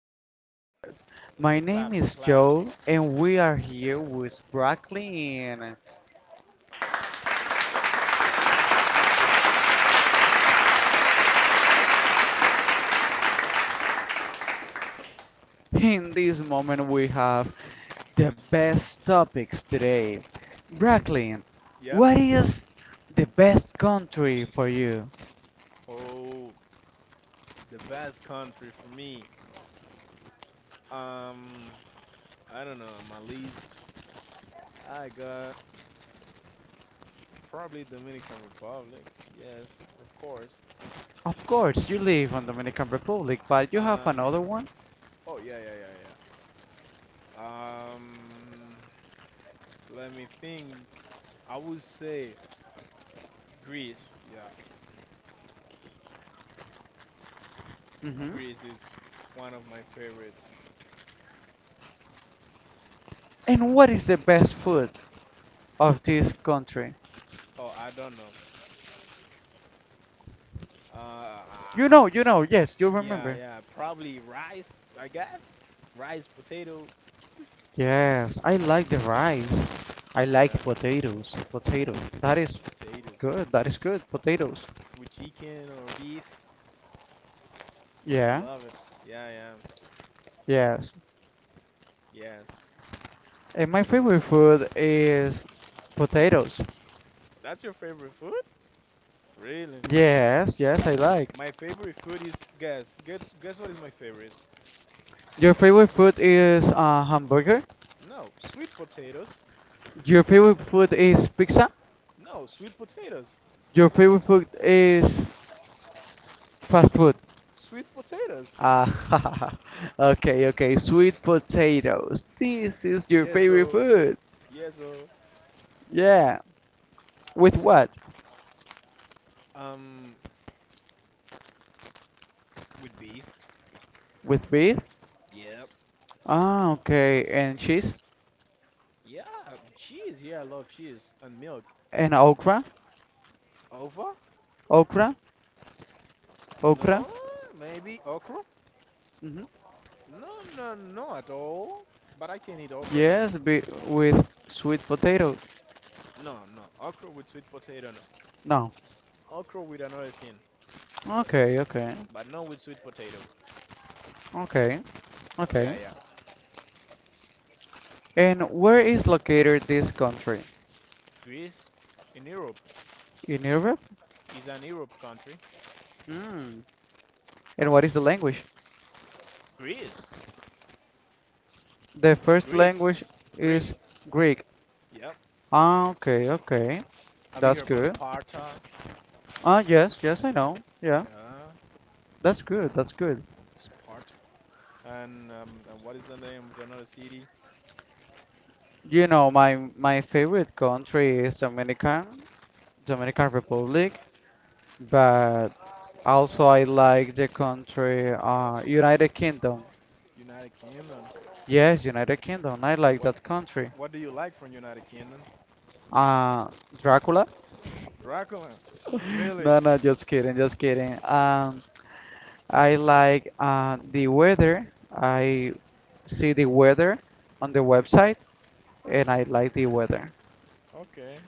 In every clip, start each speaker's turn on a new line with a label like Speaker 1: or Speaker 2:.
Speaker 1: on the world. My
Speaker 2: The
Speaker 1: name
Speaker 2: claps, the
Speaker 1: is
Speaker 2: claps.
Speaker 1: Joe, and we are here with Bracklin. In this moment, we have the best topics today. Bracklin,
Speaker 2: Yep.
Speaker 1: what is the best country for you?
Speaker 2: Oh, the best country for me. Um, I don't know. My least, I got probably Dominican Republic. Yes, of course.
Speaker 1: Of course, you live on Dominican Republic, but you have
Speaker 2: Um,
Speaker 1: another one.
Speaker 2: oh yeah. Let me think. I would say Greece. Yeah,
Speaker 1: Hmm.
Speaker 2: Greece is one of my favorites.
Speaker 1: And what is the best food of this country?
Speaker 2: Oh, I don't know. Uh,
Speaker 1: You know, you know. Yes, you
Speaker 2: yeah,
Speaker 1: remember.
Speaker 2: yeah. Probably rice, I guess. Rice, potato.
Speaker 1: Yes, I like the rice. I like
Speaker 2: Yeah.
Speaker 1: potatoes. Potato. That is
Speaker 2: Potatoes
Speaker 1: good. That is good. Potatoes.
Speaker 2: with chicken or beef. I
Speaker 1: Yeah.
Speaker 2: love it. Yeah, yeah.
Speaker 1: Yes.
Speaker 2: Yes.
Speaker 1: And my favorite food is potatoes.
Speaker 2: That's your favorite food? Really?
Speaker 1: Yes, yes, I like.
Speaker 2: My favorite food is guess. Guess what is my favorite?
Speaker 1: Your favorite food is hamburger?
Speaker 2: No, sweet potatoes.
Speaker 1: Your favorite food is pizza?
Speaker 2: No, sweet potatoes.
Speaker 1: Your favorite food is fast food?
Speaker 2: Sweet potatoes.
Speaker 1: Ah, okay, okay. Sweet potatoes. This is your
Speaker 2: Yeah,
Speaker 1: favorite
Speaker 2: so
Speaker 1: food.
Speaker 2: yeah, so
Speaker 1: Yeah. With what?
Speaker 2: um with beef.
Speaker 1: With beef?
Speaker 2: Yep.
Speaker 1: Ah, okay. And cheese?
Speaker 2: Yeah, cheese. Yeah, I love cheese and milk.
Speaker 1: And okra?
Speaker 2: Over?
Speaker 1: Okra? Okra?
Speaker 2: No, maybe okra?
Speaker 1: Hmm.
Speaker 2: No, no, no at all. But I can eat okra, yeah.
Speaker 1: Yes, be with sweet potato.
Speaker 2: No, no. Okra with sweet potato. No.
Speaker 1: No.
Speaker 2: Okra with another thing,
Speaker 1: Okay, okay.
Speaker 2: but not with sweet potato.
Speaker 1: Okay.
Speaker 2: Yeah,
Speaker 1: Okay.
Speaker 2: yeah.
Speaker 1: And where is located this country?
Speaker 2: Greece in Europe
Speaker 1: In Europe?
Speaker 2: is an Europe country.
Speaker 1: Hmm. And
Speaker 2: Uh,
Speaker 1: what is the language?
Speaker 2: Greece,
Speaker 1: The first
Speaker 2: Greek,
Speaker 1: language
Speaker 2: Greek.
Speaker 1: is Greek.
Speaker 2: Yep.
Speaker 1: Ah, okay, okay.
Speaker 2: Have you
Speaker 1: That's
Speaker 2: heard about
Speaker 1: good.
Speaker 2: Sparta?
Speaker 1: Ah, yes, yes, I know. Yeah,
Speaker 2: Yeah,
Speaker 1: that's good, that's good.
Speaker 2: Sparta. And what is the name of another city?
Speaker 1: You know, my favorite country is Dominican, Dominican Republic, but also I like the country United Kingdom.
Speaker 2: United Kingdom.
Speaker 1: Yes, United Kingdom. I like
Speaker 2: What
Speaker 1: that country.
Speaker 2: what do you like from United Kingdom?
Speaker 1: Uh, Dracula?
Speaker 2: Dracula. Really?
Speaker 1: No, no, just kidding, just kidding. I like the weather. I see the weather on the website, and I like the weather.
Speaker 2: Okay,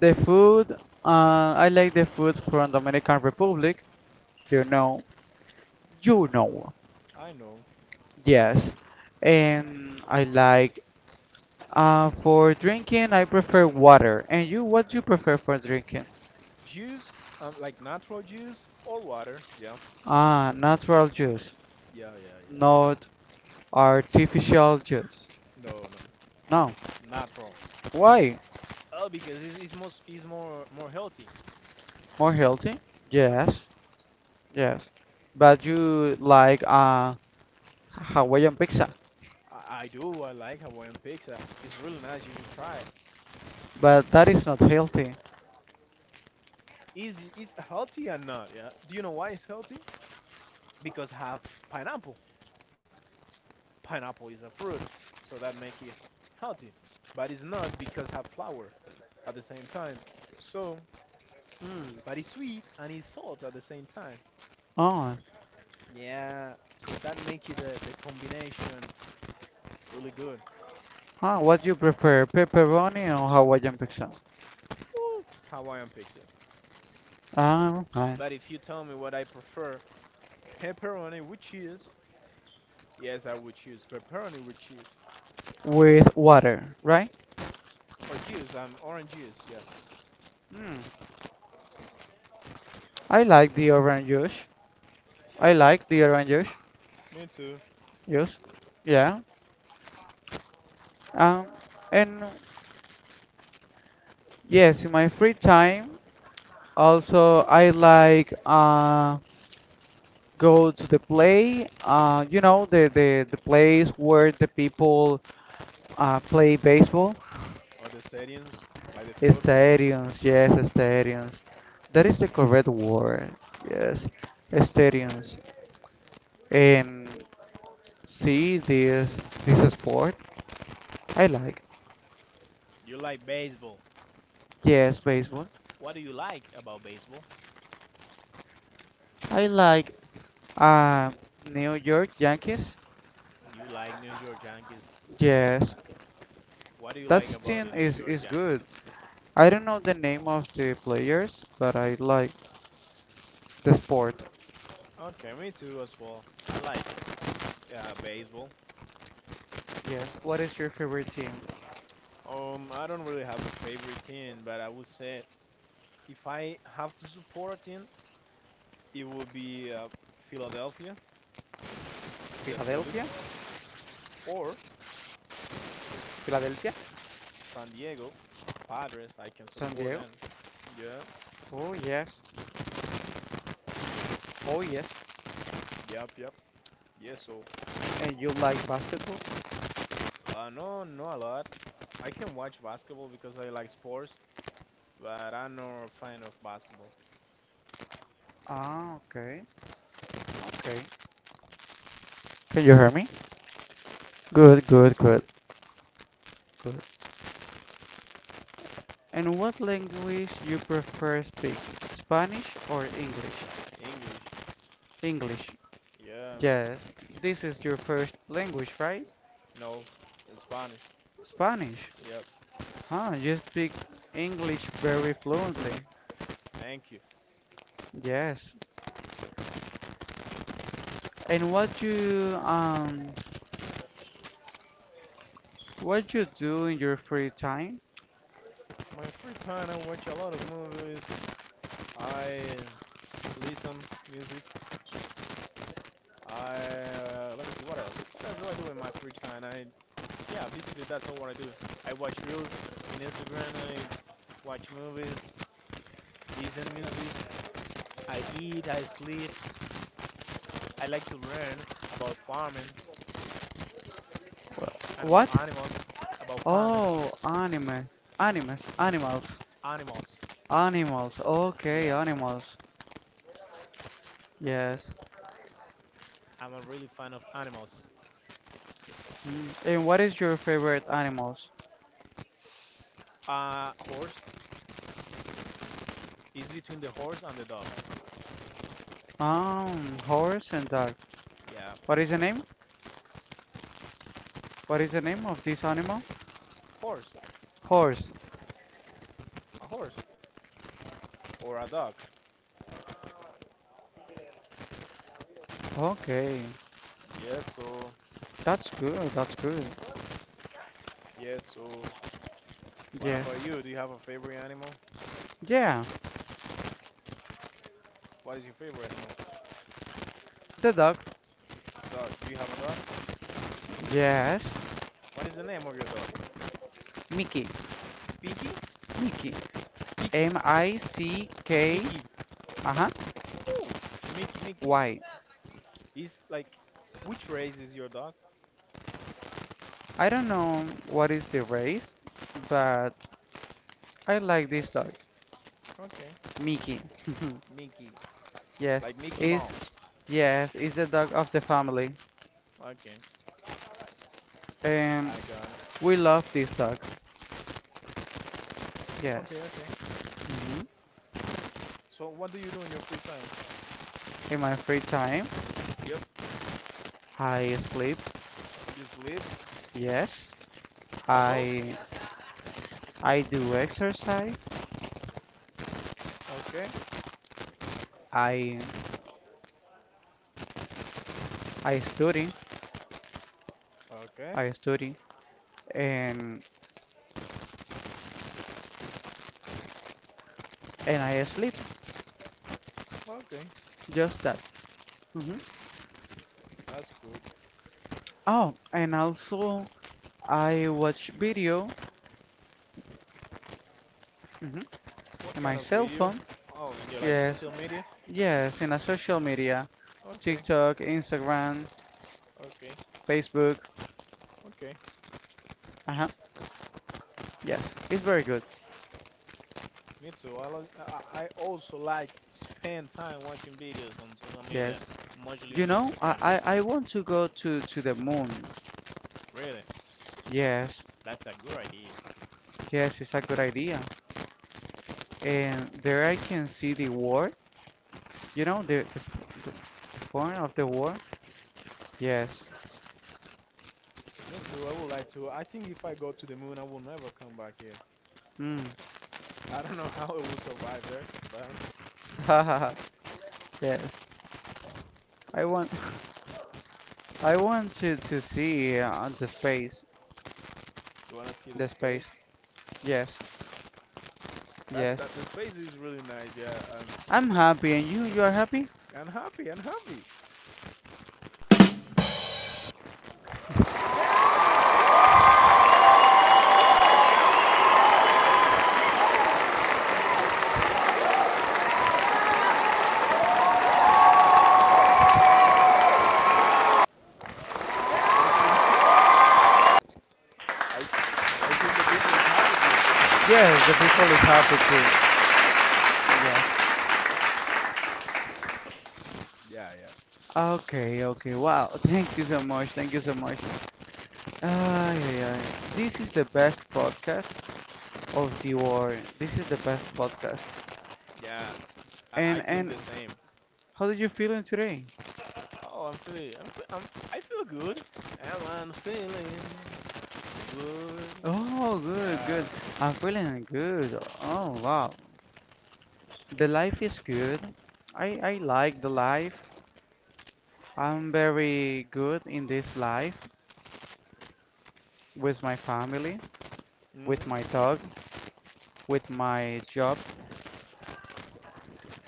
Speaker 1: The food, I like the food from Dominican Republic. You know, you know,
Speaker 2: I know.
Speaker 1: yes. And I like for drinking I prefer water. And you what do you prefer for drinking?
Speaker 2: Juice, like natural juice or water. Yeah,
Speaker 1: Ah, natural juice,
Speaker 2: yeah, yeah, yeah.
Speaker 1: not artificial juice.
Speaker 2: No, no.
Speaker 1: No.
Speaker 2: Natural.
Speaker 1: Why?
Speaker 2: Oh, because it's more healthy.
Speaker 1: More healthy?
Speaker 2: Yep.
Speaker 1: Yes, yes. But you like Hawaiian pizza,
Speaker 2: I do. I like Hawaiian pizza. It's really nice. You should try it.
Speaker 1: but that is not healthy.
Speaker 2: Is it's healthy or not? Yeah. Do you know why it's healthy? Because have pineapple. Pineapple is a fruit, so that make it healthy. But it's not because have flour at the same time. So,
Speaker 1: Hmm.
Speaker 2: but it's sweet and it's salt at the same time.
Speaker 1: Oh,
Speaker 2: Yeah. So that make it the combination really good.
Speaker 1: ah, what do you prefer, pepperoni or Hawaiian pizza?
Speaker 2: Woo! Hawaiian pizza.
Speaker 1: Ah, right.
Speaker 2: But if you tell me what I prefer, pepperoni with cheese. Yes, I would choose pepperoni with cheese.
Speaker 1: With water, right?
Speaker 2: Or juice, orange juice, yeah.
Speaker 1: Hmm. I like the orange juice. I like the orange juice.
Speaker 2: Me too.
Speaker 1: Juice. Yeah. Um, and yes, in my free time, also I like go to the play. You know the the place where the people play baseball.
Speaker 2: Or the stadiums, like the field.
Speaker 1: Stadiums. Yes, stadiums. That is the correct word. Yes, stadiums. And see this sport. I like.
Speaker 2: You like baseball.
Speaker 1: Yes, baseball.
Speaker 2: What do you like about baseball?
Speaker 1: I like Uh, New York Yankees?
Speaker 2: You like New York Yankees.
Speaker 1: Yes,
Speaker 2: What do you
Speaker 1: that
Speaker 2: like about
Speaker 1: team
Speaker 2: the New York
Speaker 1: is good.
Speaker 2: Yankees?
Speaker 1: I don't know the name of the players, but I like the sport.
Speaker 2: Okay, me too as well. I like baseball.
Speaker 1: Yes. What is your favorite team?
Speaker 2: I don't really have a favorite team, but I would say if I have to support a team, it would be Philadelphia, the
Speaker 1: Philadelphia?
Speaker 2: Phillies, or
Speaker 1: Philadelphia?
Speaker 2: San Diego Padres. I can
Speaker 1: San
Speaker 2: support
Speaker 1: Diego?
Speaker 2: them. Yeah,
Speaker 1: Oh, yes. Oh, yes.
Speaker 2: yep, yep. Yeah, so
Speaker 1: And you like basketball?
Speaker 2: no, not a lot. I can watch basketball because I like sports, but I'm not a fan of basketball.
Speaker 1: Ah, okay. Okay. Can you hear me? Good,
Speaker 2: Yes,
Speaker 1: good, good,
Speaker 2: so
Speaker 1: good. And what language you prefer speak? Spanish or English?
Speaker 2: English.
Speaker 1: English.
Speaker 2: Yeah,
Speaker 1: Yes, this is your first language, right?
Speaker 2: no, Spanish.
Speaker 1: Spanish.
Speaker 2: Yep,
Speaker 1: Huh, you speak English very fluently.
Speaker 2: thank you.
Speaker 1: Yes. And what you do in your free time?
Speaker 2: My free time, I watch a lot of movies. I listen music. I let me see what else. What else do I do in my free time? Basically that's all what I do. I watch reels in Instagram. I watch movies, listen music. I eat. I sleep. I like to learn about farming
Speaker 1: Well,
Speaker 2: and
Speaker 1: what?
Speaker 2: about animals, about farming
Speaker 1: Oh, anime. Animes, animals.
Speaker 2: animals.
Speaker 1: Animals. Okay,
Speaker 2: Yeah,
Speaker 1: animals. Yes.
Speaker 2: I'm a really fan of animals.
Speaker 1: Mm, and what is your favorite animals?
Speaker 2: Horse is between the horse and the dog.
Speaker 1: Horse and dog.
Speaker 2: Yeah,
Speaker 1: What is the name? What is the name of this animal?
Speaker 2: horse,
Speaker 1: Horse.
Speaker 2: a horse or a dog.
Speaker 1: Okay.
Speaker 2: Yes, so
Speaker 1: That's good. That's good.
Speaker 2: yes, so what
Speaker 1: Yeah.
Speaker 2: about you? Do you have a favorite animal?
Speaker 1: Yeah.
Speaker 2: What is your favorite animal?
Speaker 1: The dog.
Speaker 2: Dog. Do you have a dog?
Speaker 1: Yes.
Speaker 2: What is the name of your dog?
Speaker 1: Mickey.
Speaker 2: Pinky?
Speaker 1: Mickey.
Speaker 2: Picky.
Speaker 1: MICK.
Speaker 2: Mickey.
Speaker 1: Uh huh.
Speaker 2: Ooh. Mickey.
Speaker 1: Why?
Speaker 2: It's like, which race is your dog?
Speaker 1: I don't know what is the race, but I like this dog.
Speaker 2: Okay.
Speaker 1: Mickey.
Speaker 2: Mickey.
Speaker 1: Yes.
Speaker 2: Like Mickey
Speaker 1: Is
Speaker 2: Mouse.
Speaker 1: yes. Is the dog of the family.
Speaker 2: Okay.
Speaker 1: Um.
Speaker 2: I got it.
Speaker 1: We love this dog. Yes.
Speaker 2: Okay, okay.
Speaker 1: Mhm.
Speaker 2: So what do you do in your free time?
Speaker 1: In my free time,
Speaker 2: Yep.
Speaker 1: I sleep.
Speaker 2: You sleep?
Speaker 1: Yes.
Speaker 2: That's all?
Speaker 1: I I do exercise.
Speaker 2: Okay.
Speaker 1: I I study.
Speaker 2: Okay.
Speaker 1: I study and I sleep.
Speaker 2: Okay.
Speaker 1: Just that. Mhm.
Speaker 2: That's good.
Speaker 1: Oh, and also I watch video mhm,
Speaker 2: What
Speaker 1: in
Speaker 2: kind
Speaker 1: my
Speaker 2: of
Speaker 1: cell
Speaker 2: video?
Speaker 1: phone.
Speaker 2: Oh, and you like
Speaker 1: Yes,
Speaker 2: social media?
Speaker 1: yes, in a social media,
Speaker 2: Okay.
Speaker 1: TikTok, Instagram,
Speaker 2: Okay.
Speaker 1: Facebook.
Speaker 2: Okay.
Speaker 1: Uh-huh. Yes, it's very good.
Speaker 2: Me too. I, lo- I also like to spend time watching videos on social
Speaker 1: Yes.
Speaker 2: media, mostly
Speaker 1: You
Speaker 2: on
Speaker 1: know,
Speaker 2: Instagram.
Speaker 1: I want to to the moon.
Speaker 2: Really?
Speaker 1: Yes,
Speaker 2: That's a good idea.
Speaker 1: yes, it's a good idea. And there I can see the war. You know, the form of the war. Yes.
Speaker 2: Me too. I would like to. I think if I go to the moon, I will never come back here.
Speaker 1: Mm.
Speaker 2: I don't know how it will survive there, but
Speaker 1: Yes, I want to see the space,
Speaker 2: you wanna see the
Speaker 1: the space.
Speaker 2: space?
Speaker 1: Yes,
Speaker 2: That's
Speaker 1: yes.
Speaker 2: that. The space is really nice. Yeah.
Speaker 1: I'm happy, and you are happy?
Speaker 2: And happy. And happy. And I think I I think the people is happy too.
Speaker 1: Yes, the people is happy too. Yes.
Speaker 2: Yeah. Yeah.
Speaker 1: Okay, okay. Wow. Thank you so much. Thank you so much. Ay, ay, ay. This is the best podcast of the world. This is the best podcast.
Speaker 2: Yeah. I
Speaker 1: And
Speaker 2: think
Speaker 1: and
Speaker 2: the same.
Speaker 1: how did you feeling today?
Speaker 2: Oh, I'm feeling. I'm, fe- I'm. I feel good. Am I feeling good?
Speaker 1: Oh, good, good.
Speaker 2: Yeah.
Speaker 1: I'm feeling good. Oh, wow. The life is good. I like the life. I'm very good in this life with my family, with
Speaker 2: Mm.
Speaker 1: my dog, with my job.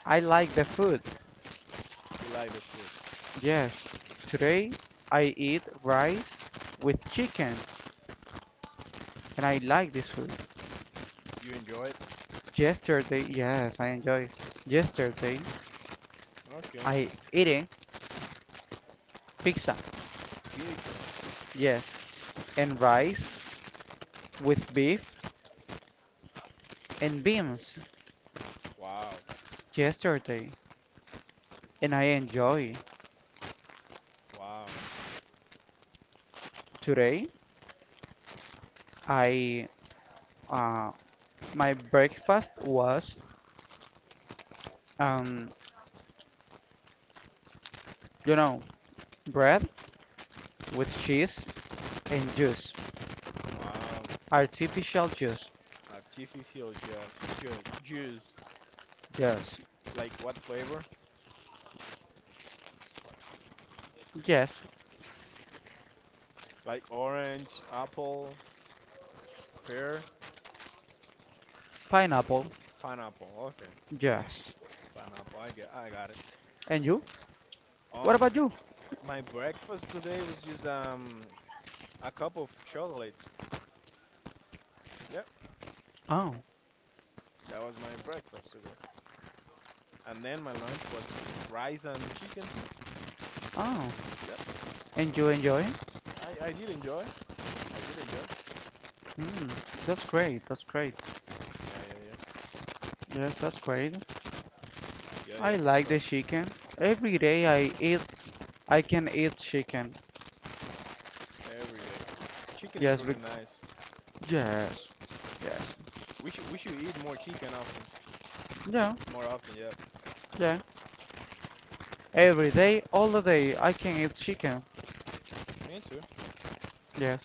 Speaker 1: I like the food.
Speaker 2: You like the food?
Speaker 1: Yes, today I eat rice with chicken and I like this food.
Speaker 2: You enjoy it?
Speaker 1: Yesterday, yes, I enjoy. Yesterday
Speaker 2: Okay.
Speaker 1: I eating pizza.
Speaker 2: Pizza.
Speaker 1: Yes, and rice with beef and beans
Speaker 2: Wow.
Speaker 1: yesterday and I enjoy.
Speaker 2: Wow,
Speaker 1: Today I uh, my breakfast was, um, you know, bread with cheese and juice.
Speaker 2: wow.
Speaker 1: Artificial juice.
Speaker 2: Artificial juice.
Speaker 1: Yes.
Speaker 2: Like what flavor?
Speaker 1: Yes.
Speaker 2: Like orange, apple, pear,
Speaker 1: Pineapple.
Speaker 2: pineapple. Okay,
Speaker 1: Yes.
Speaker 2: pineapple. I got it.
Speaker 1: And you? What
Speaker 2: Um,
Speaker 1: about you?
Speaker 2: my breakfast today was just a cup of chocolate. Yep,
Speaker 1: Oh,
Speaker 2: that was my breakfast today. And then my lunch was rice and chicken too.
Speaker 1: oh.
Speaker 2: Yep,
Speaker 1: And you enjoy?
Speaker 2: I did enjoy. I did enjoy.
Speaker 1: Mm, that's great. That's great.
Speaker 2: Yeah, yeah,
Speaker 1: Yes, that's great.
Speaker 2: yeah, yeah,
Speaker 1: I
Speaker 2: yeah.
Speaker 1: like the
Speaker 2: So
Speaker 1: chicken. Every day I eat, I can eat chicken.
Speaker 2: every day, chicken is
Speaker 1: Yes,
Speaker 2: really
Speaker 1: bec
Speaker 2: nice.
Speaker 1: yes, yes.
Speaker 2: We should eat more chicken often.
Speaker 1: Yeah,
Speaker 2: More often, yeah.
Speaker 1: yeah. Every day, all the day, I can eat chicken.
Speaker 2: Me too.
Speaker 1: Yes.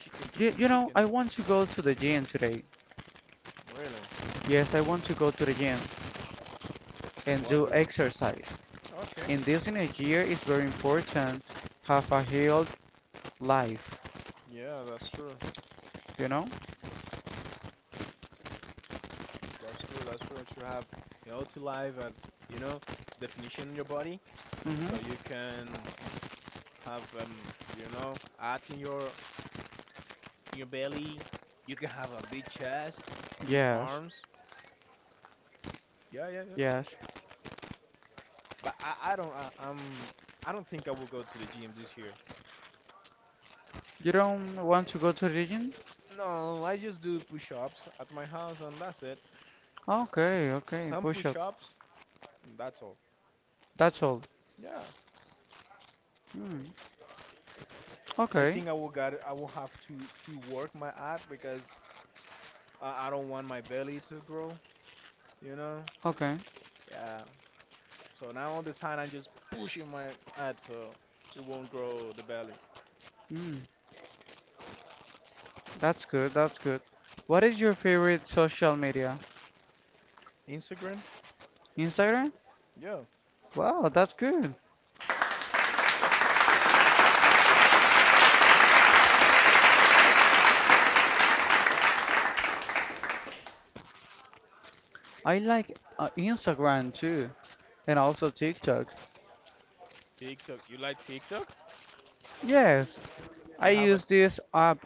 Speaker 2: Chicken,
Speaker 1: You,
Speaker 2: chicken,
Speaker 1: you know,
Speaker 2: chicken.
Speaker 1: I want to go to the gym today.
Speaker 2: Really?
Speaker 1: Yes, I want to go to the gym and
Speaker 2: What
Speaker 1: do
Speaker 2: do you...
Speaker 1: exercise.
Speaker 2: Okay.
Speaker 1: In this in a year, it's very important have a healed life,
Speaker 2: Yeah, that's true.
Speaker 1: you know?
Speaker 2: That's true. That's true. To have healthy life and, you know, definition in your body so you
Speaker 1: Mm-hmm.
Speaker 2: can have, you know, add in your belly. You can have a big chest, big
Speaker 1: Yes,
Speaker 2: arms. Yeah, yeah, yeah.
Speaker 1: yes.
Speaker 2: But I don't think I will go to the gym this year.
Speaker 1: You don't want to go to the gym?
Speaker 2: No, I just do push-ups at my house and that's it.
Speaker 1: Okay, okay,
Speaker 2: Some
Speaker 1: push up.
Speaker 2: push-ups, and that's all.
Speaker 1: That's all.
Speaker 2: Yeah.
Speaker 1: Mm.
Speaker 2: I
Speaker 1: Okay,
Speaker 2: think I will got I will have to work my art because I don't want my belly to grow, you know?
Speaker 1: okay.
Speaker 2: Yeah. So now all the time I'm just pushing my ad so it won't grow the belly.
Speaker 1: Mm. That's good, that's good. What is your favorite social media?
Speaker 2: Instagram?
Speaker 1: Instagram?
Speaker 2: Yeah.
Speaker 1: Wow, that's good. I like Instagram too, and also TikTok.
Speaker 2: TikTok. You like TikTok?
Speaker 1: Yes, I
Speaker 2: You have a
Speaker 1: use this app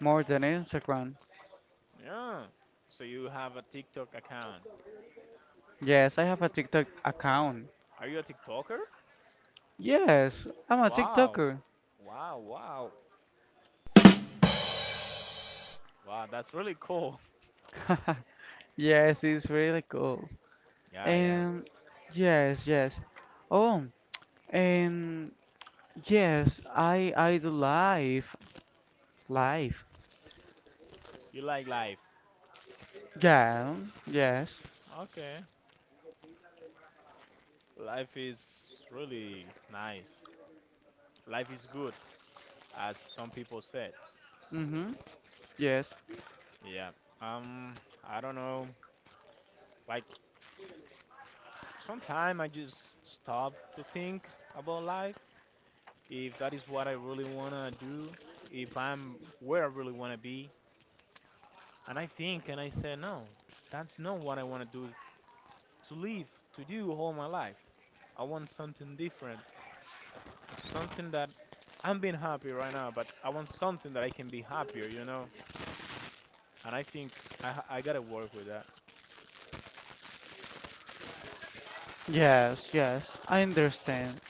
Speaker 1: more than Instagram.
Speaker 2: yeah. So you have a TikTok account.
Speaker 1: Yes, I have a TikTok account.
Speaker 2: Are you a TikToker?
Speaker 1: Yes, I'm a
Speaker 2: Wow.
Speaker 1: TikToker.
Speaker 2: Wow, wow. Wow, that's really cool.
Speaker 1: Yes, it's really cool.
Speaker 2: Yeah, yeah.
Speaker 1: And yes, yes. Oh, and yes, I do live, live.
Speaker 2: You like life.
Speaker 1: Yeah, yes.
Speaker 2: Okay. Life is really nice. Life is good. As some people said.
Speaker 1: Mhm. Yes.
Speaker 2: Yeah. Um, I don't know. Like sometime I just stop to think about life. If that is what I really wanna do, if I'm where I really wanna be, and I think and I say no, that's not what I wanna do to live, to do all my life. I want something different, something that I'm being happy right now, but I want something that I can be happier, you know. And I think I gotta work with that.
Speaker 1: Yes, yes. I understand.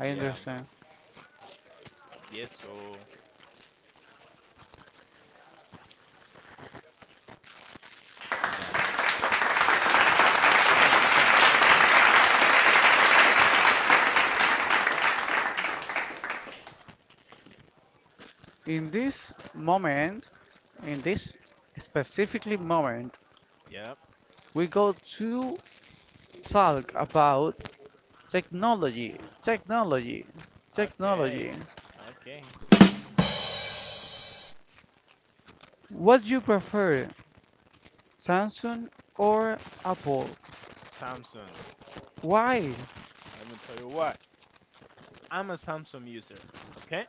Speaker 1: I
Speaker 2: Yeah.
Speaker 1: understand.
Speaker 2: Yes. So yeah. Yeah. Thank you, thank you, thank you.
Speaker 1: In this moment, in this specifically moment,
Speaker 2: Yep.
Speaker 1: we go to talk about technology, technology,
Speaker 2: Okay.
Speaker 1: technology.
Speaker 2: Okay.
Speaker 1: What do you prefer, Samsung or Apple?
Speaker 2: Samsung.
Speaker 1: Why?
Speaker 2: Let me tell you what. I'm a Samsung user, okay?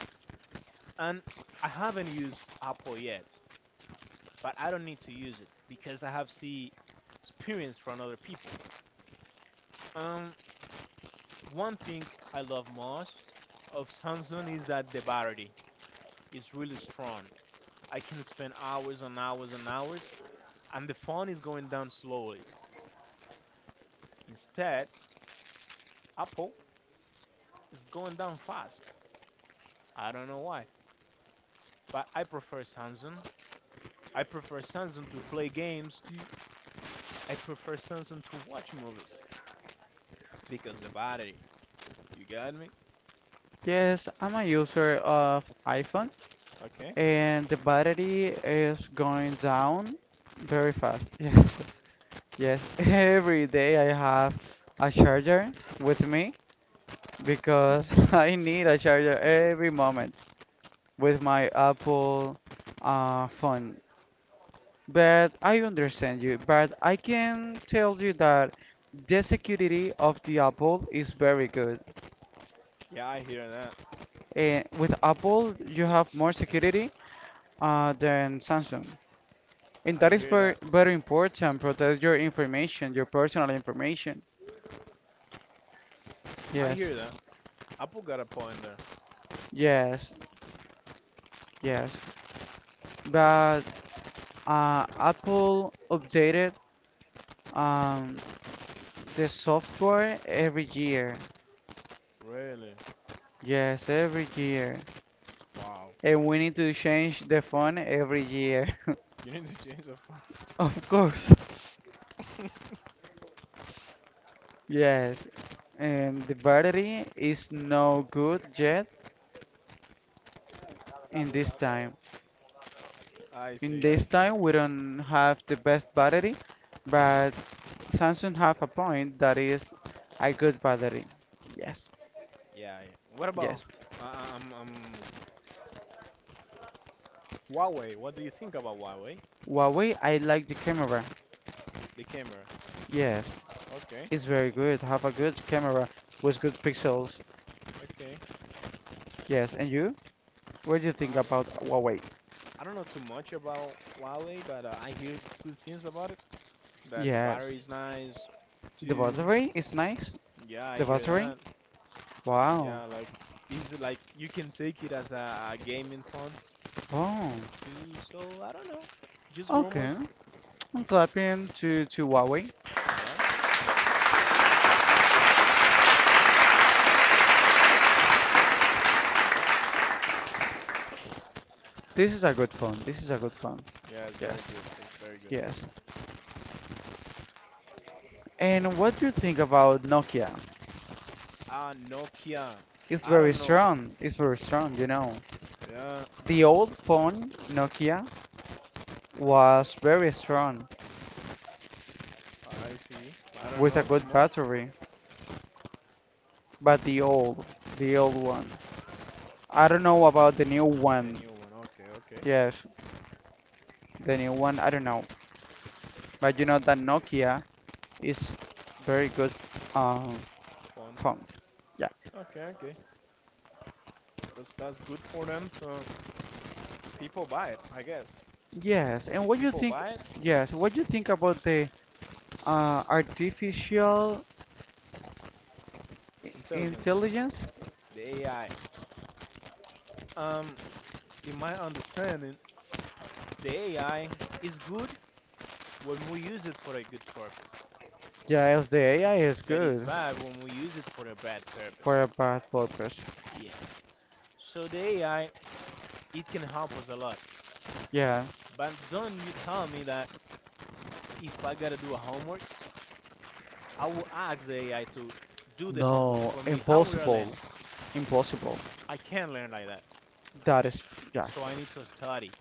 Speaker 2: And I haven't used Apple yet, but I don't need to use it because I have see experience from other people. Um, One thing I love most of Samsung is that the battery is really strong. I can spend hours and hours and hours, and the phone is going down slowly. Instead, Apple is going down fast. I don't know why. But I prefer Samsung. I prefer Samsung to play games. To, I prefer Samsung to watch movies because the battery. You got me?
Speaker 1: Yes, I'm a user of iPhone
Speaker 2: Okay.
Speaker 1: and the battery is going down very fast. Yes, yes. Every day I have a charger with me because I need a charger every moment with my Apple phone. But I understand you, but I can tell you that the security of the Apple is very good.
Speaker 2: Yeah, I hear that.
Speaker 1: Eh, with Apple, you have more security than Samsung. And
Speaker 2: I
Speaker 1: that is
Speaker 2: hear
Speaker 1: very,
Speaker 2: that.
Speaker 1: very important. Protect your information, your personal information.
Speaker 2: I
Speaker 1: Yes,
Speaker 2: hear that. Apple got a point there.
Speaker 1: yes, yes. But Apple updated um, the software every year.
Speaker 2: Really?
Speaker 1: Yes, every year.
Speaker 2: Wow.
Speaker 1: And we need to change the phone every year.
Speaker 2: You need to change the
Speaker 1: Of course,
Speaker 2: phone.
Speaker 1: yes. And the battery is no good yet in this time.
Speaker 2: I
Speaker 1: In
Speaker 2: see. I
Speaker 1: this
Speaker 2: see.
Speaker 1: time, we don't have the best battery, but Samsung have a point that is a good battery. Yes,
Speaker 2: Yeah. yeah. What about
Speaker 1: yes.
Speaker 2: uh, uh, um um Huawei? What do you think about Huawei?
Speaker 1: Huawei, I like the camera.
Speaker 2: The camera.
Speaker 1: Yes,
Speaker 2: Okay.
Speaker 1: it's very good. Have a good camera with good pixels.
Speaker 2: Okay.
Speaker 1: Yes, and you? What do you
Speaker 2: Uh,
Speaker 1: think
Speaker 2: Um,
Speaker 1: about Huawei?
Speaker 2: I don't know too much about Huawei, but I hear good things about it. That the
Speaker 1: Yes,
Speaker 2: battery is nice
Speaker 1: the
Speaker 2: too.
Speaker 1: battery is nice.
Speaker 2: Yeah, I
Speaker 1: The
Speaker 2: hear
Speaker 1: battery?
Speaker 2: that.
Speaker 1: Wow.
Speaker 2: Yeah, like is it like you can take it as a gaming phone
Speaker 1: Oh,
Speaker 2: too. So I don't know. Just rumors.
Speaker 1: okay. I'm clapping to Huawei.
Speaker 2: Yeah.
Speaker 1: This is a good phone. This is a good phone.
Speaker 2: Yeah, it's
Speaker 1: Yes.
Speaker 2: very good. That's very good.
Speaker 1: Yes. And what do you think about Nokia?
Speaker 2: Ah, Nokia.
Speaker 1: It's
Speaker 2: I
Speaker 1: very
Speaker 2: don't know.
Speaker 1: strong. It's very
Speaker 2: I-
Speaker 1: strong, you know.
Speaker 2: Yeah,
Speaker 1: The old phone, Nokia, was very strong
Speaker 2: I see. I don't
Speaker 1: with a
Speaker 2: know too
Speaker 1: good
Speaker 2: much.
Speaker 1: battery. But the old one. I don't know about the new
Speaker 2: The
Speaker 1: one.
Speaker 2: new one. Okay, okay.
Speaker 1: Yes, the new one, I don't know. But you know that Nokia is very good um,
Speaker 2: Phone.
Speaker 1: phone. Yeah.
Speaker 2: Okay, okay. That's good for them. So people buy it, I guess.
Speaker 1: Yes, and
Speaker 2: If
Speaker 1: what you
Speaker 2: people
Speaker 1: think?
Speaker 2: buy it,
Speaker 1: Yes, what you think about the artificial
Speaker 2: intelligence,
Speaker 1: intelligence?
Speaker 2: the AI. Um, in my understanding, the AI is good when we use it for a good purpose,
Speaker 1: Yes, the AI is
Speaker 2: but it's
Speaker 1: good
Speaker 2: bad when we use it for a bad purpose.
Speaker 1: for a bad purpose.
Speaker 2: Yes. So the AI, it can help us a lot.
Speaker 1: Yeah,
Speaker 2: But don't you tell me that if I gotta do a homework, I will ask the AI to do the homework
Speaker 1: no,
Speaker 2: for me. How will I learn?
Speaker 1: impossible. Impossible.
Speaker 2: I can't learn like that.
Speaker 1: That is, yeah,
Speaker 2: So I need to study.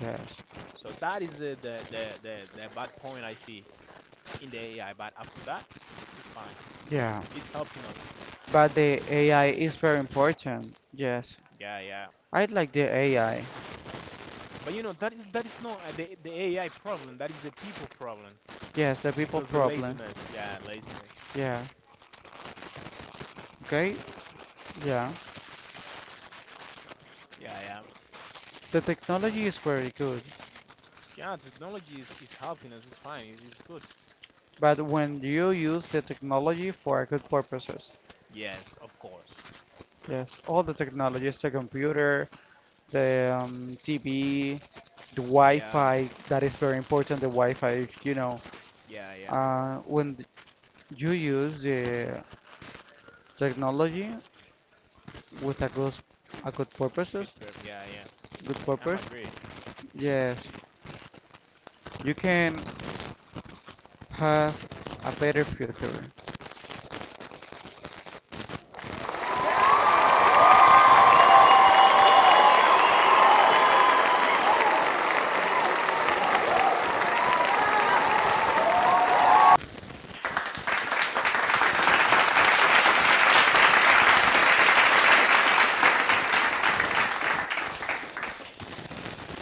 Speaker 1: yes.
Speaker 2: So that is the bad point I see in the AI. But after that, it's fine.
Speaker 1: Yeah,
Speaker 2: It's helping us.
Speaker 1: but the AI is very important. Yes,
Speaker 2: Yeah, yeah.
Speaker 1: I like the AI.
Speaker 2: But you know that is not the AI problem. That is the people problem
Speaker 1: Yes, the people
Speaker 2: because the
Speaker 1: problem.
Speaker 2: laziness. Yeah, laziness.
Speaker 1: Yeah, okay? Yeah,
Speaker 2: Yeah, yeah.
Speaker 1: the technology is very good,
Speaker 2: Yeah, technology is helping us. It's fine. It's good.
Speaker 1: but when you use the technology for good purposes,
Speaker 2: Yes, of course.
Speaker 1: yes, all the technologies, the computer, the TV, the
Speaker 2: Yeah,
Speaker 1: Wi-Fi, that is very important, the Wi-Fi, you know,
Speaker 2: yeah, yeah.
Speaker 1: when you use the technology with a good
Speaker 2: Good
Speaker 1: purposes,
Speaker 2: perp. Yeah, yeah.
Speaker 1: good
Speaker 2: I'm
Speaker 1: purpose,
Speaker 2: agree.
Speaker 1: yes, you can have a better future.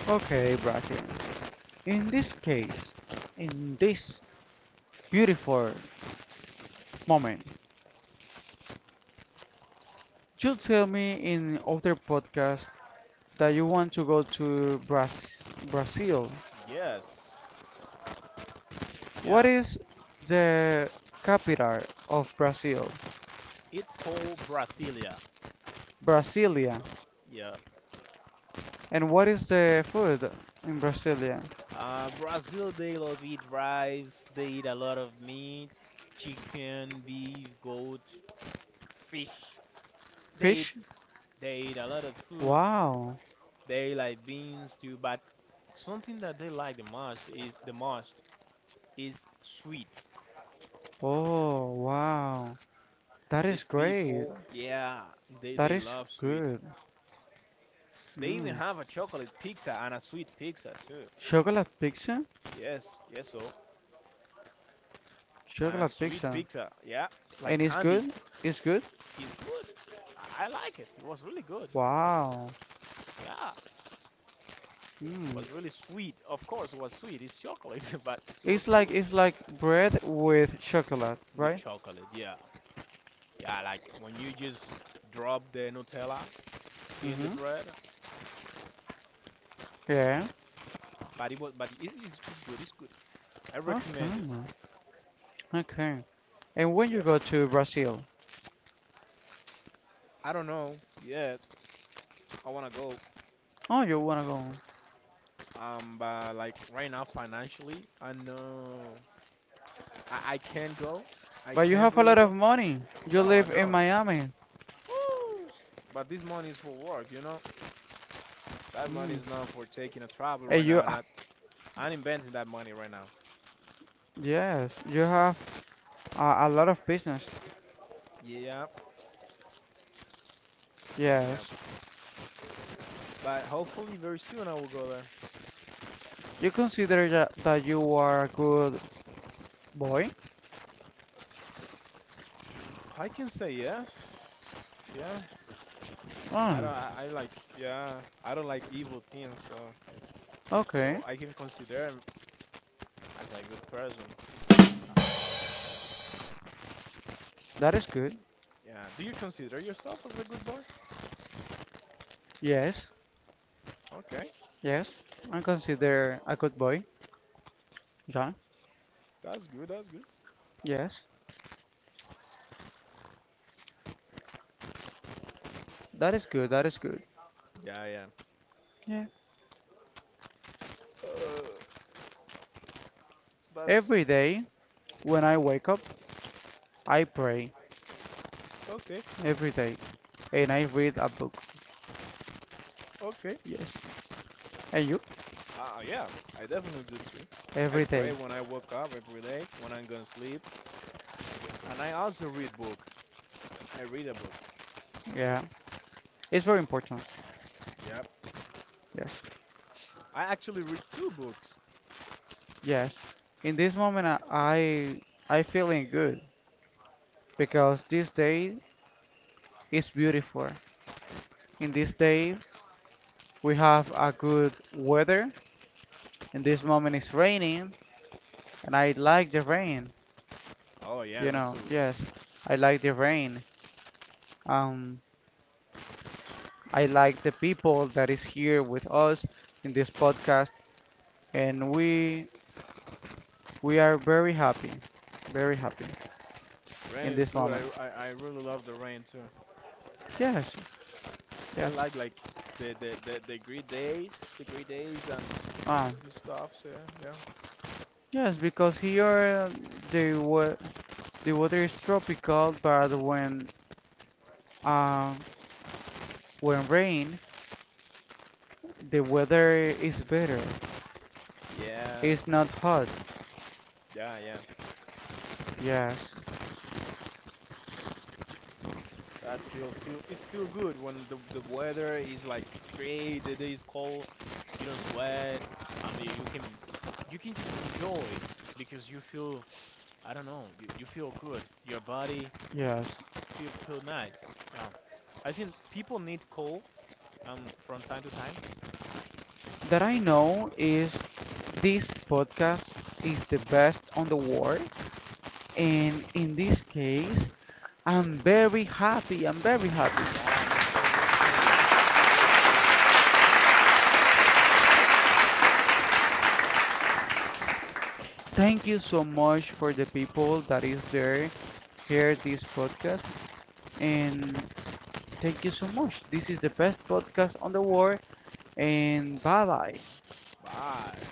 Speaker 1: Okay, Bracken. In this case, in this beautiful moment, you tell me in other podcast that you want to go to Brazil.
Speaker 2: Yes,
Speaker 1: What
Speaker 2: yeah.
Speaker 1: is the capital of Brazil?
Speaker 2: It's called Brasilia.
Speaker 1: Brasilia.
Speaker 2: Yeah.
Speaker 1: And what is the food in Brasilia?
Speaker 2: Brazil, they love eat rice. They eat a lot of meat, chicken, beef, goat, fish. They eat,
Speaker 1: Fish?
Speaker 2: they eat a lot of food.
Speaker 1: Wow.
Speaker 2: They like beans too, but something that they like the most is sweet.
Speaker 1: Oh, wow. That is
Speaker 2: These
Speaker 1: great.
Speaker 2: people, yeah,
Speaker 1: That
Speaker 2: they
Speaker 1: is
Speaker 2: love sweet.
Speaker 1: good.
Speaker 2: They even
Speaker 1: Mm.
Speaker 2: have a chocolate pizza and a sweet pizza too.
Speaker 1: Chocolate pizza?
Speaker 2: Yes, yes, so and a
Speaker 1: Chocolate
Speaker 2: sweet
Speaker 1: pizza.
Speaker 2: pizza, yeah, like
Speaker 1: And it's
Speaker 2: candy
Speaker 1: good? It's good?
Speaker 2: is good. I like it. It was really good.
Speaker 1: Wow.
Speaker 2: Yeah, it
Speaker 1: Mm.
Speaker 2: was really sweet. Of course, it was sweet. It's chocolate, but it was
Speaker 1: It's like
Speaker 2: good
Speaker 1: bread with chocolate,
Speaker 2: with
Speaker 1: right?
Speaker 2: chocolate. Yeah, yeah, like when you just drop the Nutella in the
Speaker 1: Mm-hmm.
Speaker 2: bread
Speaker 1: Yeah.
Speaker 2: But it was, but it is it's good. It's good. I
Speaker 1: Okay.
Speaker 2: recommend it.
Speaker 1: Okay. And when you
Speaker 2: Yes.
Speaker 1: go to Brazil?
Speaker 2: I don't know yet. I wanna go.
Speaker 1: Oh, you wanna go.
Speaker 2: But like right now financially, I know I can't go. I
Speaker 1: But you
Speaker 2: can't
Speaker 1: have a
Speaker 2: really
Speaker 1: lot of
Speaker 2: go.
Speaker 1: money. You
Speaker 2: No, I
Speaker 1: live in
Speaker 2: don't.
Speaker 1: Miami.
Speaker 2: Woo! But this money is for work, you know. That money is
Speaker 1: Mm.
Speaker 2: not for taking a travel
Speaker 1: And
Speaker 2: right
Speaker 1: you,
Speaker 2: now.
Speaker 1: ah,
Speaker 2: Not I'm inventing that money right now.
Speaker 1: yes, you have a lot of business.
Speaker 2: Yeah,
Speaker 1: Yes.
Speaker 2: yeah. But hopefully very soon I will go there.
Speaker 1: You consider that, that you are a good boy?
Speaker 2: I can say yes. Yeah.
Speaker 1: Oh,
Speaker 2: I like. Yeah. I don't like evil things. So
Speaker 1: okay.
Speaker 2: I can consider him as a good person.
Speaker 1: That is good.
Speaker 2: Yeah. Do you consider yourself as a good boy?
Speaker 1: Yes,
Speaker 2: Okay.
Speaker 1: yes. I consider a good boy. Yeah,
Speaker 2: That's good. That's good.
Speaker 1: yes. That is good, that is good.
Speaker 2: Yeah, yeah.
Speaker 1: Yeah.
Speaker 2: Uh, that's
Speaker 1: Every day when I wake up, I pray
Speaker 2: okay.
Speaker 1: every day and I read a book.
Speaker 2: Okay.
Speaker 1: Yes. I you
Speaker 2: Yeah. I definitely do too. I
Speaker 1: every
Speaker 2: pray
Speaker 1: day.
Speaker 2: when I wake up every day, when I'm gonna sleep, and I also read book. I read a book.
Speaker 1: Yeah, it's very important.
Speaker 2: Yep.
Speaker 1: Yes,
Speaker 2: I actually read two books.
Speaker 1: yes. In this moment, I feeling good because this day is beautiful. In this day, we have a good weather. In this moment, it's raining, and I like the rain.
Speaker 2: Oh yeah,
Speaker 1: You
Speaker 2: me
Speaker 1: know,
Speaker 2: too.
Speaker 1: yes, I like the rain. Um, I like the people that is here with us in this podcast, and we are very happy
Speaker 2: Rain
Speaker 1: in
Speaker 2: is
Speaker 1: this
Speaker 2: good.
Speaker 1: moment.
Speaker 2: I really love the rain too.
Speaker 1: Yes,
Speaker 2: I
Speaker 1: yes.
Speaker 2: like the great days, and this
Speaker 1: Ah,
Speaker 2: this stuff. So yeah,
Speaker 1: yes, because here the wa the weather is tropical, but um when rain, the weather is better.
Speaker 2: yeah,
Speaker 1: It's not hot.
Speaker 2: yeah.
Speaker 1: Yes,
Speaker 2: That feel feel it's feel good when the weather is like great. The day is cold. You don't sweat. I mean, you can just enjoy because you feel I don't know. You feel good. Your body
Speaker 1: yes.
Speaker 2: feel nice. Yeah, I think people need cold from time to time.
Speaker 1: That I know is this podcast is the best on the world, and in this case, I'm very happy. I'm very happy.
Speaker 2: Yeah, me too. Me too. Yes. so
Speaker 1: Thank you so much for the people that is there hear this podcast and thank you so much. This is the best podcast on the world, and bye bye.
Speaker 2: bye.